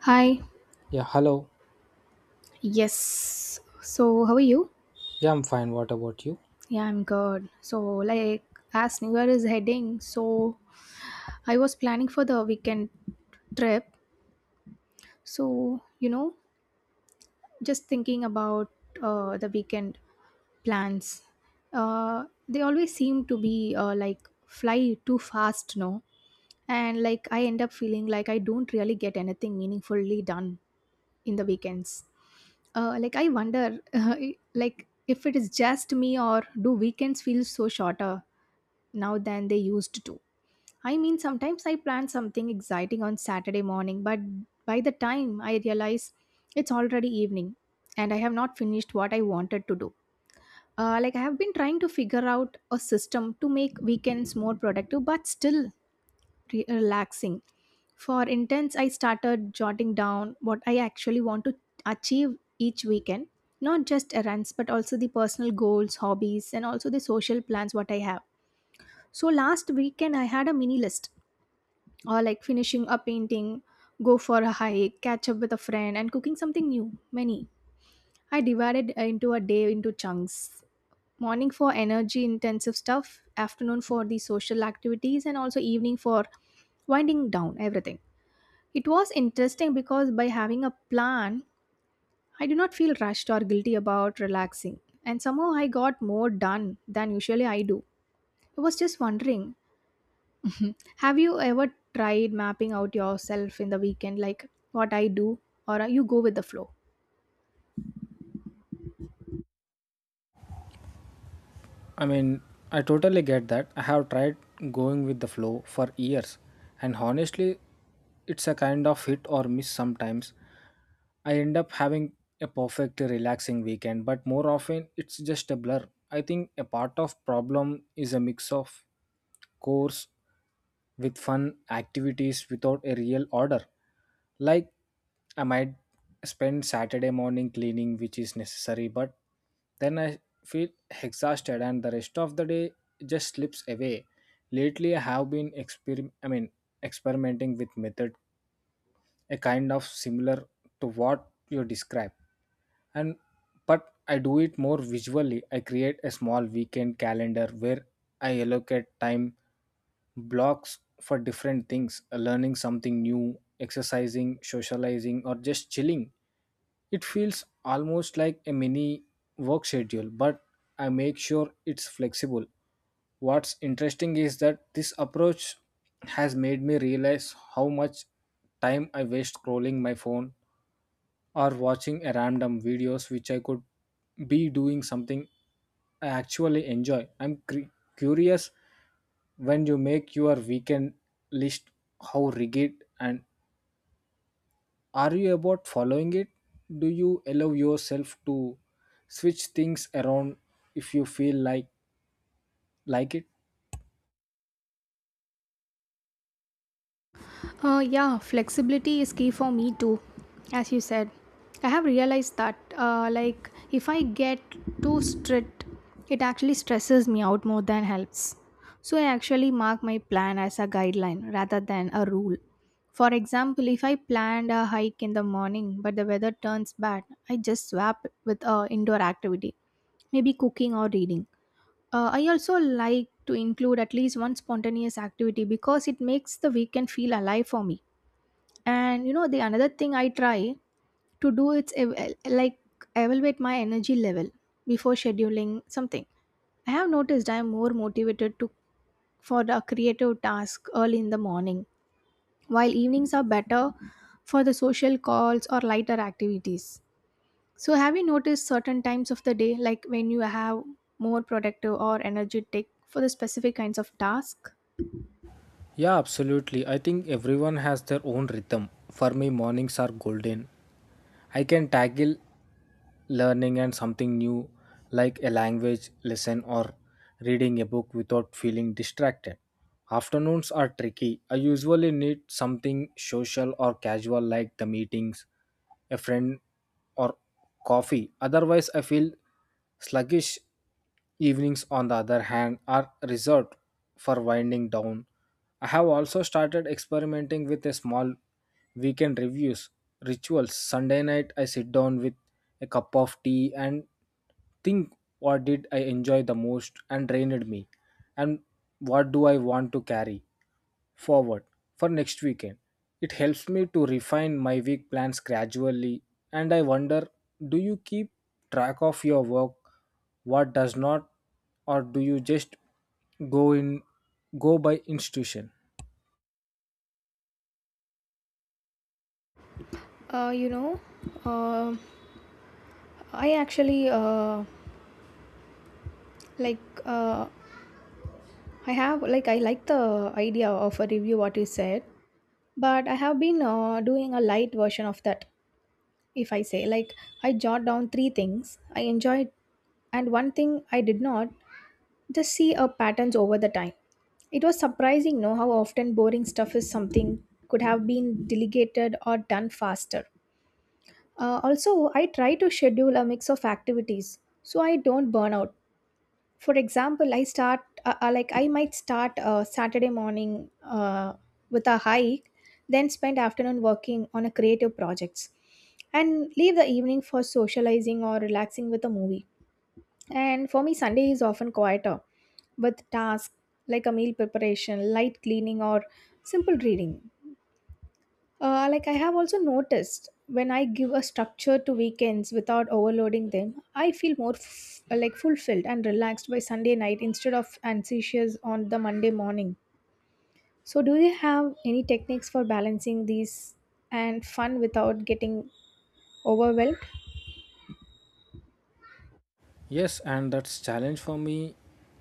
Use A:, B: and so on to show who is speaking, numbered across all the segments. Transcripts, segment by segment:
A: Hi.
B: Yeah, hello.
A: Yes. So, how are you?
B: Yeah, I'm fine. What about you?
A: Yeah, I'm good. So, like, as New Year is heading, so I was planning for the weekend trip. So, you know, just thinking about the weekend plans. They always seem to be, like, fly too fast, no? And like, I end up feeling like I don't really get anything meaningfully done in the weekends. Like I wonder, like if it is just me or do weekends feel so shorter now than they used to? I mean, sometimes I plan something exciting on Saturday morning, but by the time I realize it's already evening and I have not finished what I wanted to do. Like I have been trying to figure out a system to make weekends more productive, but still relaxing. For intense, I started jotting down what I actually want to achieve each weekend, not just errands, but also the personal goals, hobbies, and also the social plans what I have. So last weekend, I had a mini list, or like finishing a painting, go for a hike, catch up with a friend, and cooking something new. Many. I divided into a day into chunks: morning for energy intensive stuff, afternoon for the social activities, and also evening for winding down everything. It was interesting because by having a plan, I do not feel rushed or guilty about relaxing. And somehow I got more done than usually I do. I was just wondering, have you ever tried mapping out yourself in the weekend, like what I do, or you go with the flow?
B: I mean, I totally get that. I have tried going with the flow for years, and honestly, it's a kind of hit or miss sometimes. I end up having a perfectly relaxing weekend, but more often it's just a blur. I think a part of problem is a mix of course with fun activities without a real order. Like, I might spend Saturday morning cleaning, which is necessary, but then I feel exhausted and the rest of the day just slips away. Lately, I have been experimenting with method, a kind of similar to what you describe and but I do it more visually. I create a small weekend calendar where I allocate time blocks for different things, learning something new, exercising, socializing, or just chilling. It feels almost like a mini work schedule, but I make sure it's flexible. What's interesting is that this approach has made me realize how much time I waste scrolling my phone or watching a random videos which I could be doing something I actually enjoy. Curious, when you make your weekend list, how rigid and are you about following it? Do you allow yourself to switch things around if you feel like it?
A: Yeah, flexibility is key for me too, as you said. I have realized that, like, if I get too strict, it actually stresses me out more than helps. So I actually mark my plan as a guideline rather than a rule. For example, if I planned a hike in the morning but the weather turns bad, I just swap with a indoor activity, maybe cooking or reading. I also like to include at least one spontaneous activity because it makes the weekend feel alive for me. And you know the another thing I try to do, it's, like, evaluate my energy level before scheduling something. I have noticed I am more motivated to for a creative task early in the morning, while evenings are better for the social calls or lighter activities. So have you noticed certain times of the day like when you have more productive or energetic for the specific kinds of task?
B: Yeah, absolutely, I think everyone has their own rhythm. For me mornings are golden. I can tackle learning and something new, like a language lesson or reading a book without feeling distracted. Afternoons are tricky. I usually need something social or casual like the meetings, a friend or coffee. Otherwise, I feel sluggish. Evenings, on the other hand, are reserved for winding down. I have also started experimenting with a small weekend reviews rituals. Sunday night, I sit down with a cup of tea and think, what did I enjoy the most and drained me, and what do I want to carry forward for next weekend. It helps me to refine my week plans gradually, and I wonder, do you keep track of your work, what does not, or do you just go in go by institution?
A: uh, you know, uh, I actually, like uh, I have like I like the idea of a review what you said, but I have been doing a light version of that. If I say like I jot down three things I enjoyed and one thing I did not, just see a patterns over the time. It was surprising, no, how often boring stuff is something could have been delegated or done faster. Also, I try to schedule a mix of activities so I don't burn out. For example, I start like I might start Saturday morning with a hike, then spend afternoon working on a creative projects, and leave the evening for socializing or relaxing with a movie. And for me Sunday is often quieter, with tasks like a meal preparation, light cleaning, or simple reading. Like I have also noticed when I give a structure to weekends without overloading them, I feel more, like, fulfilled and relaxed by Sunday night instead of anxious on the Monday morning. So, do you have any techniques for balancing these and fun without getting overwhelmed?
B: Yes, and that's challenge for me.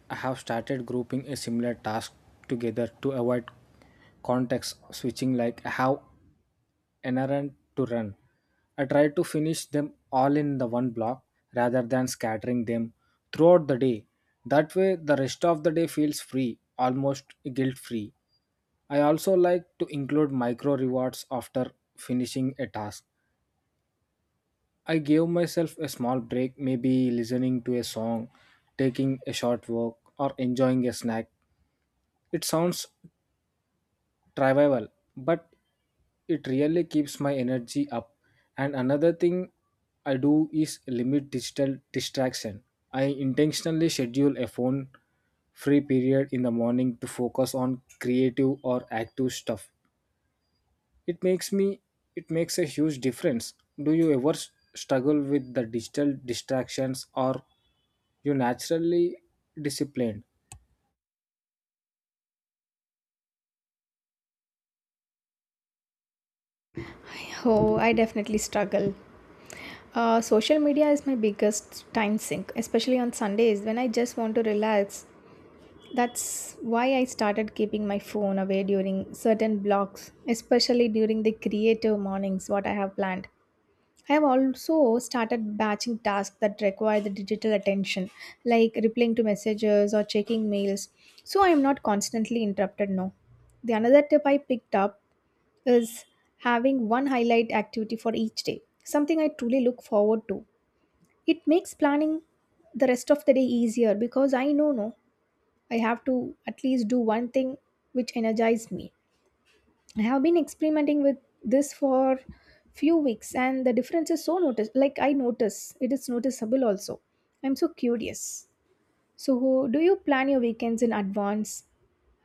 B: I have started grouping a similar task together to avoid context switching. Like I have errand to run, I tried to finish them all in the one block rather than scattering them throughout the day. That way, the rest of the day feels free, almost guilt free. I also like to include micro rewards after finishing a task. I gave myself a small break, maybe listening to a song, taking a short walk, or enjoying a snack. It sounds revival, but it really keeps my energy up. And another thing I do is limit digital distraction. I intentionally schedule a phone free period in the morning to focus on creative or active stuff. It makes me it makes a huge difference. Do you ever struggle with the digital distractions or you naturally disciplined?
A: Oh, I definitely struggle. Social media is my biggest time sink, especially on Sundays when I just want to relax. That's why I started keeping my phone away during certain blocks, especially during the creative mornings, what I have planned. I have also started batching tasks that require the digital attention, like replying to messages or checking mails, so I am not constantly interrupted now. The another tip I picked up is having one highlight activity for each day, something I truly look forward to. It makes planning the rest of the day easier because I know no I have to at least do one thing which energizes me. I have been experimenting with this for few weeks and the difference is so notice like I notice it is noticeable also. I'm so curious. So do you plan your weekends in advance,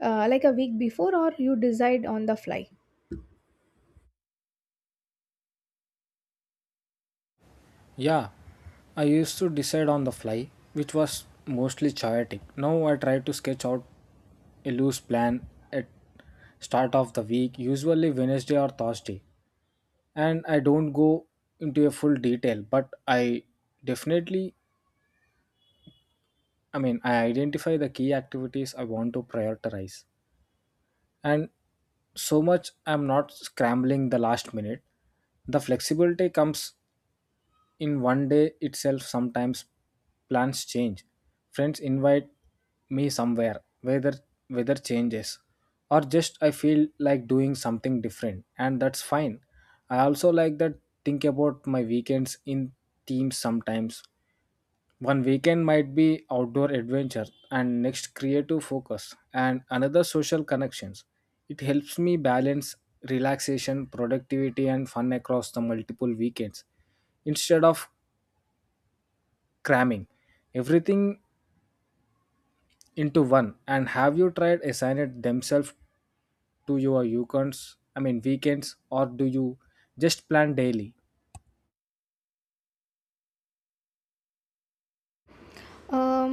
A: like a week before, or you decide on the fly?
B: Yeah, I used to decide on the fly, which was mostly chaotic. Now I try to sketch out a loose plan at start of the week, usually Wednesday or Thursday. And I don't go into a full detail, but I definitely, I identify the key activities I want to prioritize. And so much I'm not scrambling the last minute. The flexibility comes in one day itself. Sometimes plans change, friends invite me somewhere, whether weather changes, or just I feel like doing something different, and that's fine. I also like that think about my weekends in themes. Sometimes one weekend might be outdoor adventure, and next creative focus, and another social connections. It helps me balance relaxation, productivity, and fun across the multiple weekends instead of cramming everything into one. And have you tried assigning it themselves to your weekends? I mean weekends, or do you just plan daily?
A: Um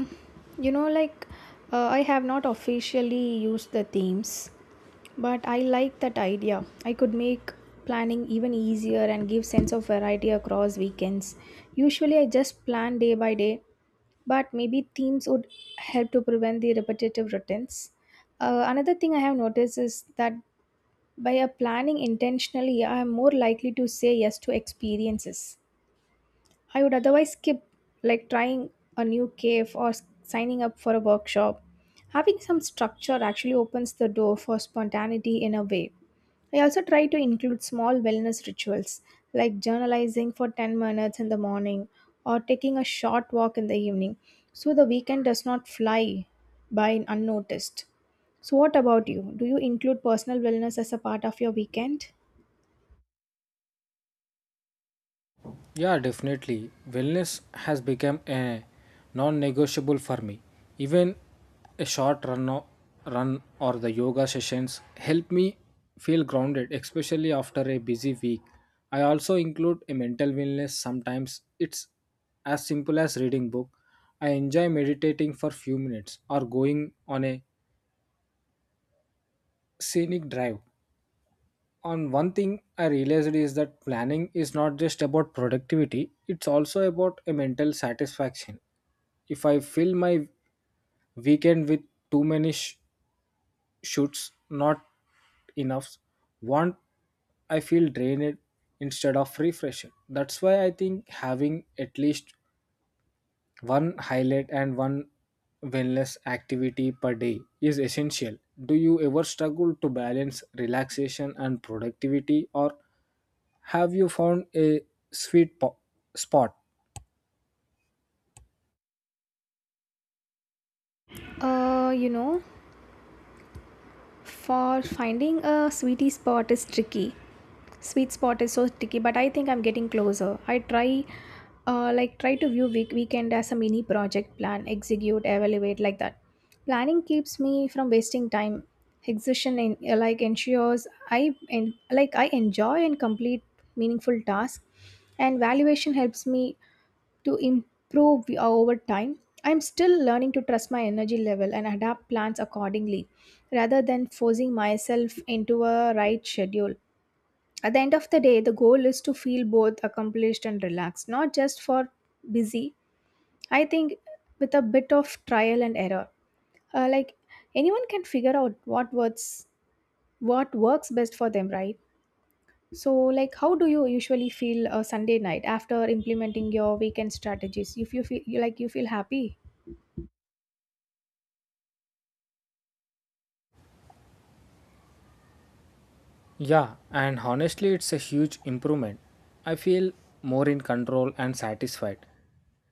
A: you know like I have not officially used the themes. But I like that idea. I could make planning even easier and give sense of variety across weekends. Usually I just plan day by day, but maybe themes would help to prevent the repetitive routines. Another thing I have noticed is that by planning intentionally, I am more likely to say yes to experiences I would otherwise skip, like trying a new cave or signing up for a workshop. Having some structure actually opens the door for spontaneity in a way. I also try to include small wellness rituals like journalizing for 10 minutes in the morning or taking a short walk in the evening so the weekend does not fly by unnoticed. So, what about you? Do you include personal wellness as a part of your weekend?
B: Yeah, definitely. Wellness has become a non-negotiable for me. Even a short run or the yoga sessions help me feel grounded, especially after a busy week. I also include a mental wellness. Sometimes it's as simple as reading book. I enjoy meditating for few minutes or going on a scenic drive. On one thing I realized is that planning is not just about productivity, it's also about a mental satisfaction. If I fill my weekend with too many shoots not enough want, I feel drained instead of refreshed. That's why I think having at least one highlight and one wellness activity per day is essential. Do you ever struggle to balance relaxation and productivity, or have you found a sweet po- spot?
A: Uh, you know, For finding a sweet spot is so tricky, but I think I'm getting closer. I try, like, try to view weekend as a mini project: plan, execute, evaluate, like that. Planning keeps me from wasting time. Execution in, like ensures I en- like I enjoy and complete meaningful tasks, and valuation helps me to improve over time. I'm still learning to trust my energy level and adapt plans accordingly rather than forcing myself into a right schedule. At the end of the day, the goal is to feel both accomplished and relaxed, not just for busy. I think with a bit of trial and error, like, anyone can figure out what works best for them, right? So like how do you usually feel a Sunday night after implementing your weekend strategies? If you feel happy?
B: Yeah, and honestly, it's a huge improvement. I feel more in control and satisfied.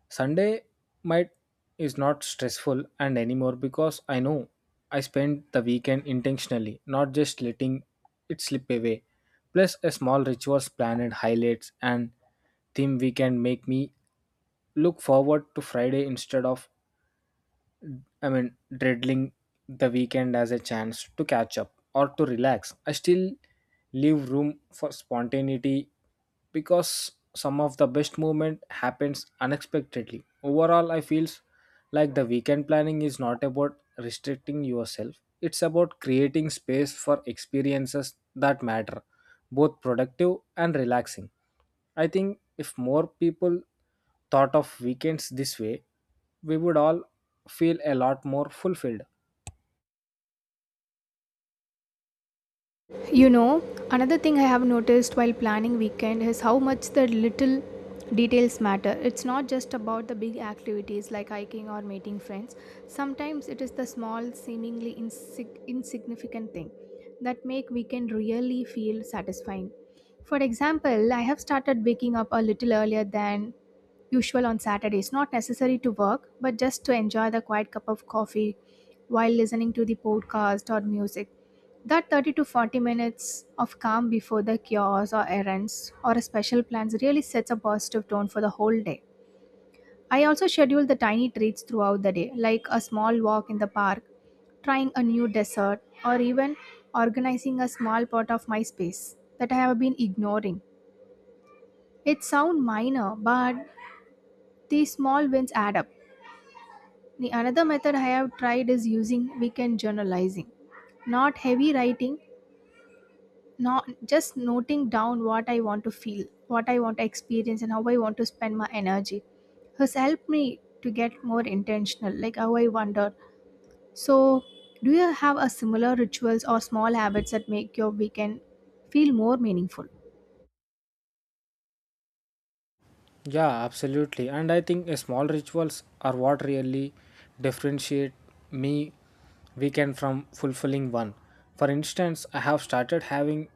B: Sunday might is not stressful and anymore because I know I spent the weekend intentionally, not just letting it slip away. Plus, a small rituals planned highlights and theme weekend make me look forward to Friday instead of, dreading the weekend as a chance to catch up or to relax. I still leave room for spontaneity because some of the best movement happens unexpectedly. Overall, I feel like the weekend planning is not about restricting yourself. It's about creating space for experiences that matter, both productive and relaxing. I think if more people thought of weekends this way, we would all feel a lot more fulfilled.
A: You know, another thing I have noticed while planning weekend is how much the little details matter. It's not just about the big activities like hiking or meeting friends. Sometimes it is the small, seemingly insignificant thing that make weekend really feel satisfying. For example, I have started waking up a little earlier than usual on Saturdays, not necessary to work, but just to enjoy the quiet cup of coffee while listening to the podcast or music. That 30 to 40 minutes of calm before the cures or errands or a special plans really sets a positive tone for the whole day. I also schedule the tiny treats throughout the day, like a small walk in the park, trying a new dessert, or even organizing a small part of my space that I have been ignoring. It sounds minor, but these small wins add up. The another method I have tried is using weekend journalizing, not heavy writing, not just noting down what I want to feel, what I want to experience, and how I want to spend my energy, has helped me to get more intentional, like how I wonder. So, do you have a similar rituals or small habits that make your weekend feel more meaningful?
B: Yeah, absolutely. And I think a small rituals are what really differentiate me weekend from fulfilling one. For instance, I have started having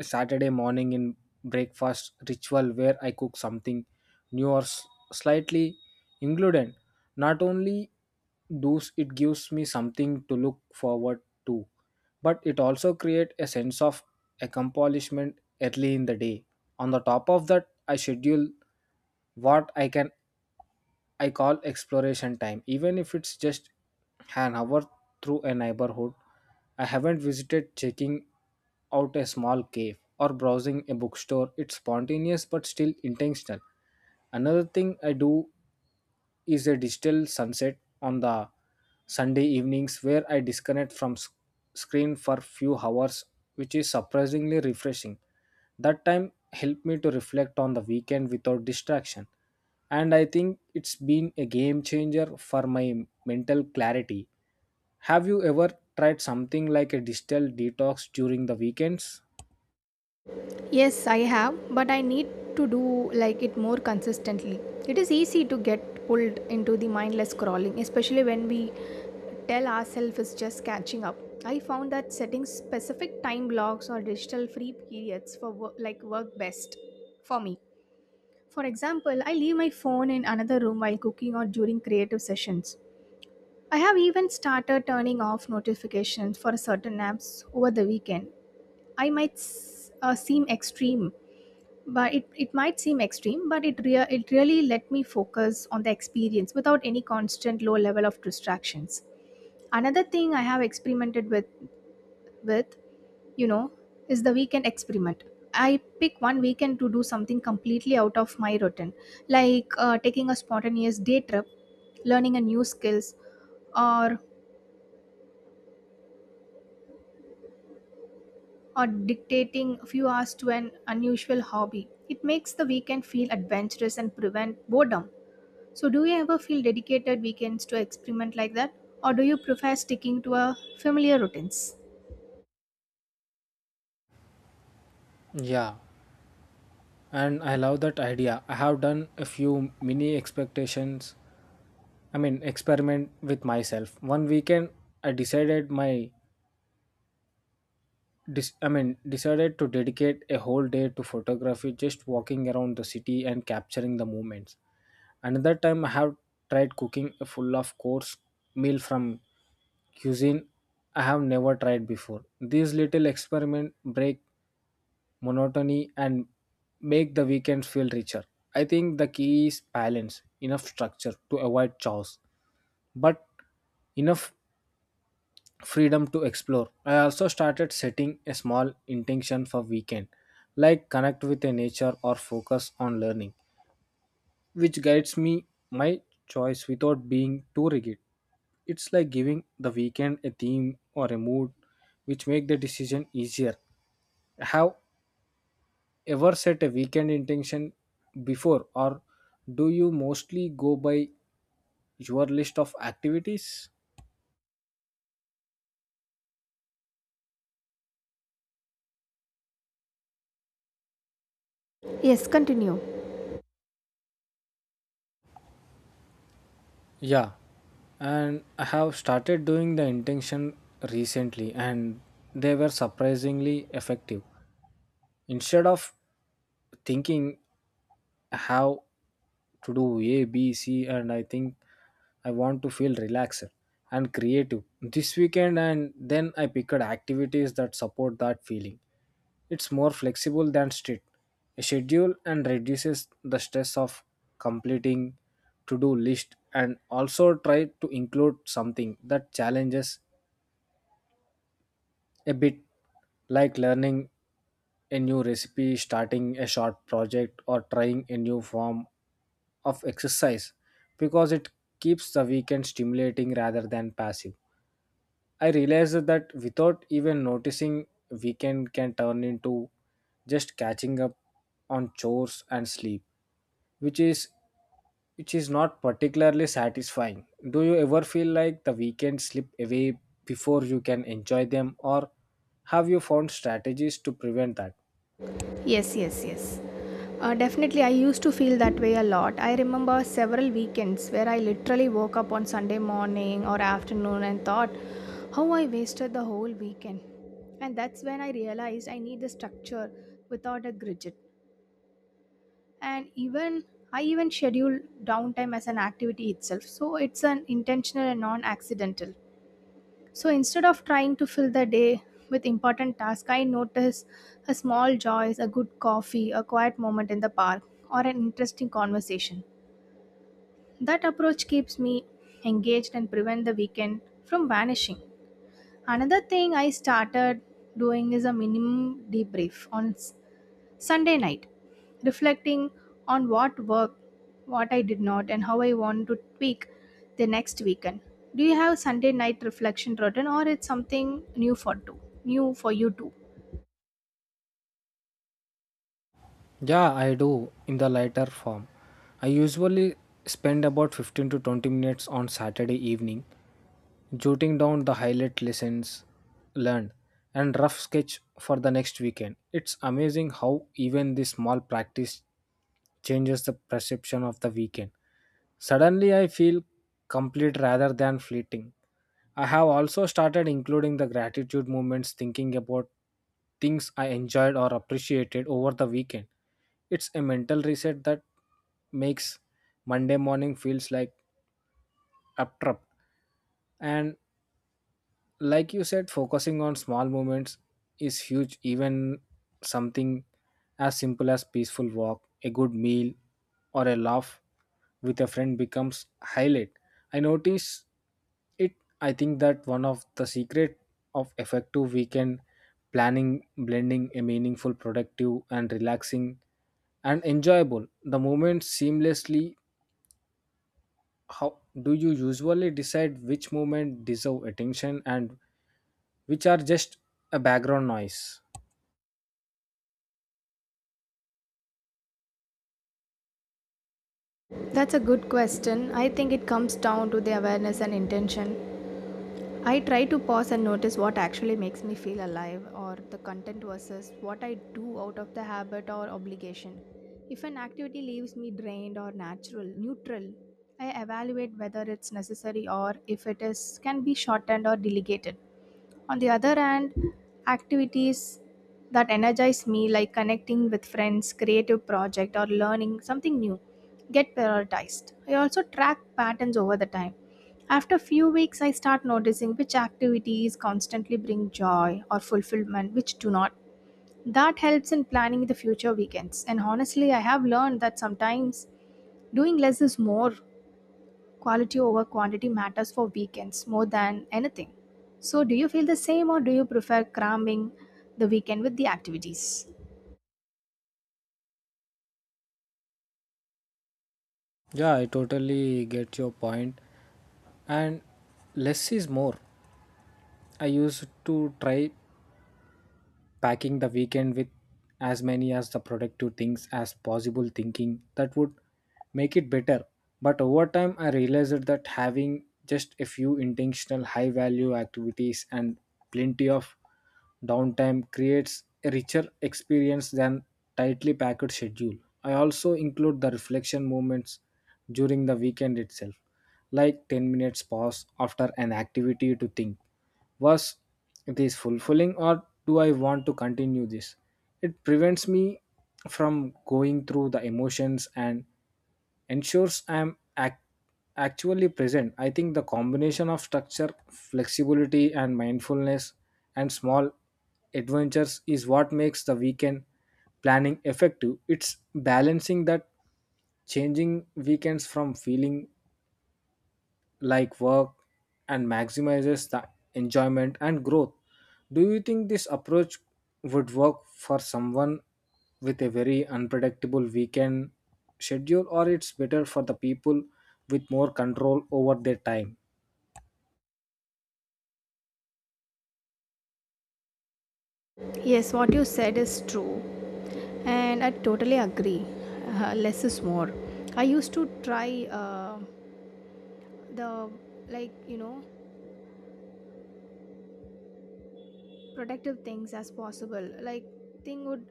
B: Saturday morning in breakfast ritual where I cook something new or slightly included. Not only does it gives me something to look forward to, but it also creates a sense of accomplishment early in the day. On the top of that, I schedule what I can I call exploration time, even if it's just an hour through a neighborhood. I haven't visited checking out a small cave or browsing a bookstore. It's spontaneous but still intentional. Another thing I do is a digital sunset on the Sunday evenings where I disconnect from screen for few hours, which is surprisingly refreshing. That time helped me to reflect on the weekend without distraction, and I think it's been a game changer for my mental clarity. Have you ever tried something like a digital detox during the weekends?
A: Yes, I have, but I need to do like it more consistently. It is easy to get pulled into the mindless scrolling, especially when we tell ourselves it's just catching up. I found that setting specific time blocks or digital free periods for work, like work best for me. For example, I leave my phone in another room while cooking or during creative sessions. I have even started turning off notifications for certain apps over the weekend. I might s- seem extreme, but It might seem extreme but it it really let me focus on the experience without any constant low level of distractions. Another thing I have experimented with, with you know is the weekend experiment. I pick one weekend to do something completely out of my routine, like taking a spontaneous day trip, learning a new skills, or or dictating a few hours to an unusual hobby. It makes the weekend feel adventurous and prevent boredom. So, do you ever feel dedicated weekends to experiment like that? Or do you prefer sticking to a familiar routines?
B: Yeah, and I love that idea. I have done a few mini experiment with myself. One weekend, I decided my, dis- I mean, decided to dedicate a whole day to photography, just walking around the city and capturing the moments. Another time, I have tried cooking a full of course meal from cuisine I have never tried before. These little experiment break monotony and make the weekends feel richer. I think the key is balance, enough structure to avoid chaos, but enough freedom to explore. I also started setting a small intention for weekend, like connect with a nature or focus on learning, which guides me my choice without being too rigid. It's like giving the weekend a theme or a mood which make the decision easier. Have ever set a weekend intention before, or do you mostly go by your list of activities?
A: Yes, continue.
B: Yeah, and I have started doing the intention recently, and they were surprisingly effective. Instead of thinking how to do A, B, C, and I think I want to feel relaxed and creative this weekend, and then I picked activities that support that feeling. It's more flexible than strict a schedule and reduces the stress of completing to do list, and also try to include something that challenges a bit, like learning a new recipe, starting a short project, or trying a new form of exercise because it keeps the weekend stimulating rather than passive. I realized that without even noticing, weekend can turn into just catching up on chores and sleep, which is which is not particularly satisfying. Do you ever feel like the weekends slip away before you can enjoy them, or have you found strategies to prevent that?
A: Yes, yes, yes. Definitely, I used to feel that way a lot. I remember several weekends where I literally woke up on Sunday morning or afternoon and thought, how I wasted the whole weekend. And that's when I realized I need the structure without a gridget. And even I even schedule downtime as an activity itself. So it's an intentional and non accidental. So instead of trying to fill the day with important tasks, I notice a small joys, a good coffee, a quiet moment in the park, or an interesting conversation. That approach keeps me engaged and prevent the weekend from vanishing. Another thing I started doing is a minimum debrief on Sunday night, reflecting on what worked, what I did not, and how I want to tweak the next weekend. Do you have Sunday night reflection routine, or it's something new for too? New for you too.
B: Yeah, I do in the lighter form. I usually spend about 15 to 20 minutes on Saturday evening jotting down the highlight lessons learned and rough sketch for the next weekend. It's amazing how even this small practice changes the perception of the weekend. Suddenly, I feel complete rather than fleeting. I have also started including the gratitude moments, thinking about things I enjoyed or appreciated over the weekend. It's a mental reset that makes Monday morning feels like abrupt. And like you said, focusing on small moments is huge. Even something as simple as peaceful walk, a good meal, or a laugh with a friend becomes highlight I notice it. I think that one of the secret of effective weekend planning, blending a meaningful, productive, and relaxing, and enjoyable the moment seamlessly. How do you usually decide which moment deserve attention and which are just a background noise?
A: That's a good question. I think it comes down to the awareness and intention. I try to pause and notice what actually makes me feel alive or the content versus what I do out of the habit or obligation. If an activity leaves me drained or natural, neutral, I evaluate whether it's necessary or if it is can be shortened or delegated. On the other hand, activities that energize me, like connecting with friends, creative project, or learning something new, get prioritized. I also track patterns over the time. After few weeks, I start noticing which activities constantly bring joy or fulfillment, which do not. That helps in planning the future weekends. And honestly, I have learned that sometimes doing less is more. Quality over quantity matters for weekends more than anything. So, do you feel the same or do you prefer cramming the weekend with the activities?
B: Yeah, I totally get your point. And less is more. I used to try packing the weekend with as many as the productive things as possible thinking that would make it better, but over time I realized that having just a few intentional high value activities and plenty of downtime creates a richer experience than tightly packed schedule. I also include the reflection moments during the weekend itself, like 10 minutes pause after an activity to think, was this fulfilling or do I want to continue this? It prevents me from going through the emotions and ensures I am actually present. I think the combination of structure, flexibility, and mindfulness and small adventures is what makes the weekend planning effective. It's balancing that changing weekends from feeling like work and maximizes the enjoyment and growth. Do you think this approach would work for someone with a very unpredictable weekend schedule, or it's better for the people with more control over their time?
A: Yes, what you said is true, and I totally agree. Less is more. I used to try the like you know protective things as possible. Like thing would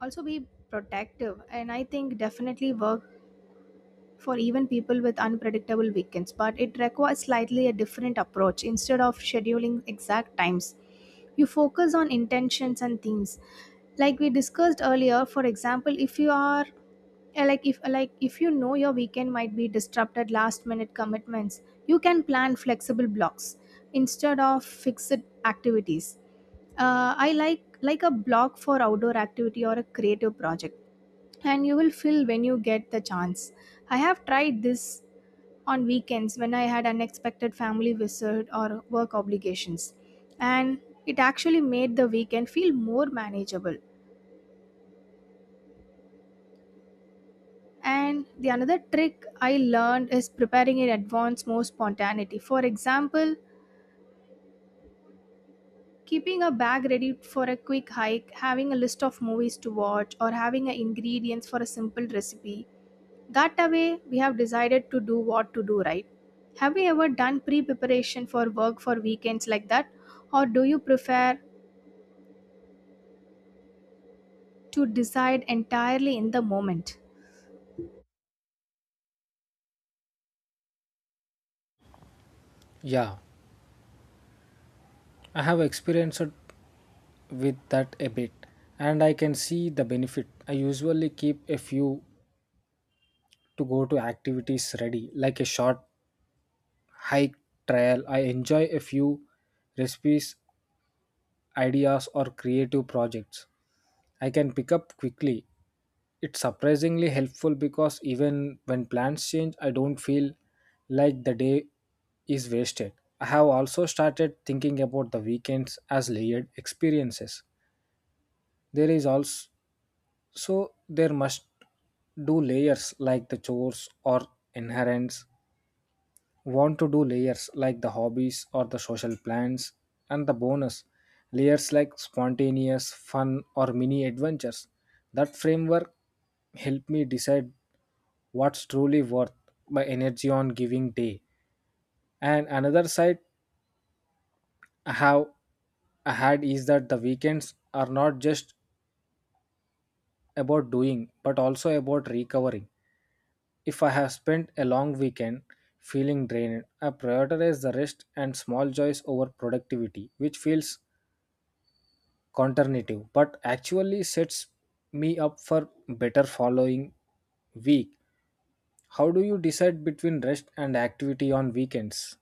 A: also be protective, and I think definitely work for even people with unpredictable weekends, but it requires slightly a different approach. Instead of scheduling exact times, you focus on intentions and themes. Like we discussed earlier, for example, if you are if your weekend might be disrupted last minute commitments, you can plan flexible blocks instead of fixed activities. I like a block for outdoor activity or a creative project and you will feel when you get the chance. I have tried this on weekends when I had unexpected family visit or work obligations, and it actually made the weekend feel more manageable. And the another trick I learned is preparing in advance more spontaneity. For example, keeping a bag ready for a quick hike, having a list of movies to watch, or having a ingredients for a simple recipe. That way we have decided to do what to do, right? Have you ever done preparation for work for weekends like that? Or do you prefer to decide entirely in the moment?
B: Yeah, I have experienced with that a bit, and I can see the benefit. I usually keep a few to go to activities ready, like a short hike trail. I enjoy a few recipes ideas or creative projects I can pick up quickly. It's surprisingly helpful because even when plans change, I don't feel like the day is wasted. I have also started thinking about the weekends as layered experiences. There is also so there must do layers like the chores or inherents want to do layers like the hobbies or the social plans and the bonus layers like spontaneous fun or mini adventures. That framework helped me decide what's truly worth my energy on giving day. And another side I have I had is that the weekends are not just about doing but also about recovering. If I have spent a long weekend feeling drained, I prioritize the rest and small joys over productivity, which feels counterintuitive but actually sets me up for better following week. How do you decide between rest and activity on weekends?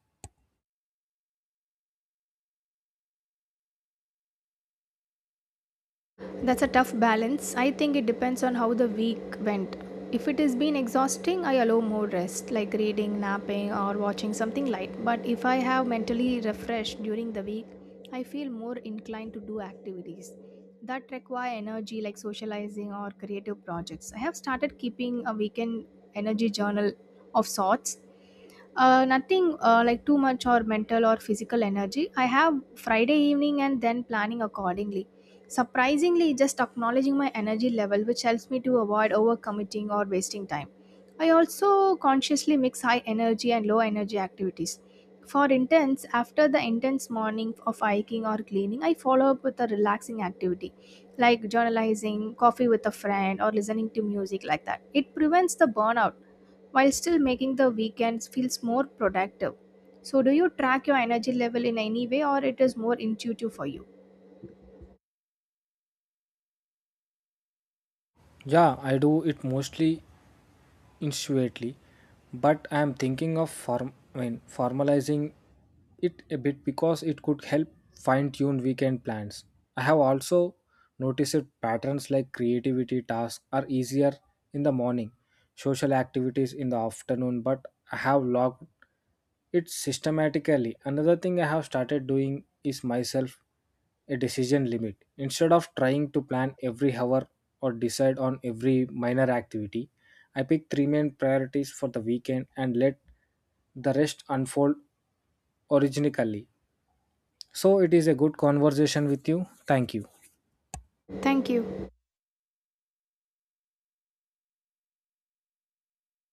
A: That's a tough balance. I think it depends on how the week went. If it has been exhausting, I allow more rest, like reading, napping, or watching something light. But if I have mentally refreshed during the week, I feel more inclined to do activities that require energy, like socializing or creative projects. I have started keeping a weekend energy journal of sorts, nothing like too much or mental or physical energy. I have Friday evening and then planning accordingly. Surprisingly, just acknowledging my energy level, which helps me to avoid overcommitting or wasting time. I also consciously mix high energy and low energy activities. For intense, after the intense morning of hiking or cleaning, I follow up with a relaxing activity like journalizing, coffee with a friend, or listening to music like that. It prevents the burnout while still making the weekends feels more productive. So do you track your energy level in any way or it is more intuitive for you?
B: Yeah, I do it mostly intuitively, but I am thinking of formalizing it a bit because it could help fine tune weekend plans. I have also noticed patterns like creativity tasks are easier in the morning, social activities in the afternoon, but I have logged it systematically. Another thing I have started doing is myself a decision limit. Instead of trying to plan every hour or decide on every minor activity, I pick three main priorities for the weekend and let the rest unfold originally. So it is a good conversation with you. Thank you.
A: Thank you.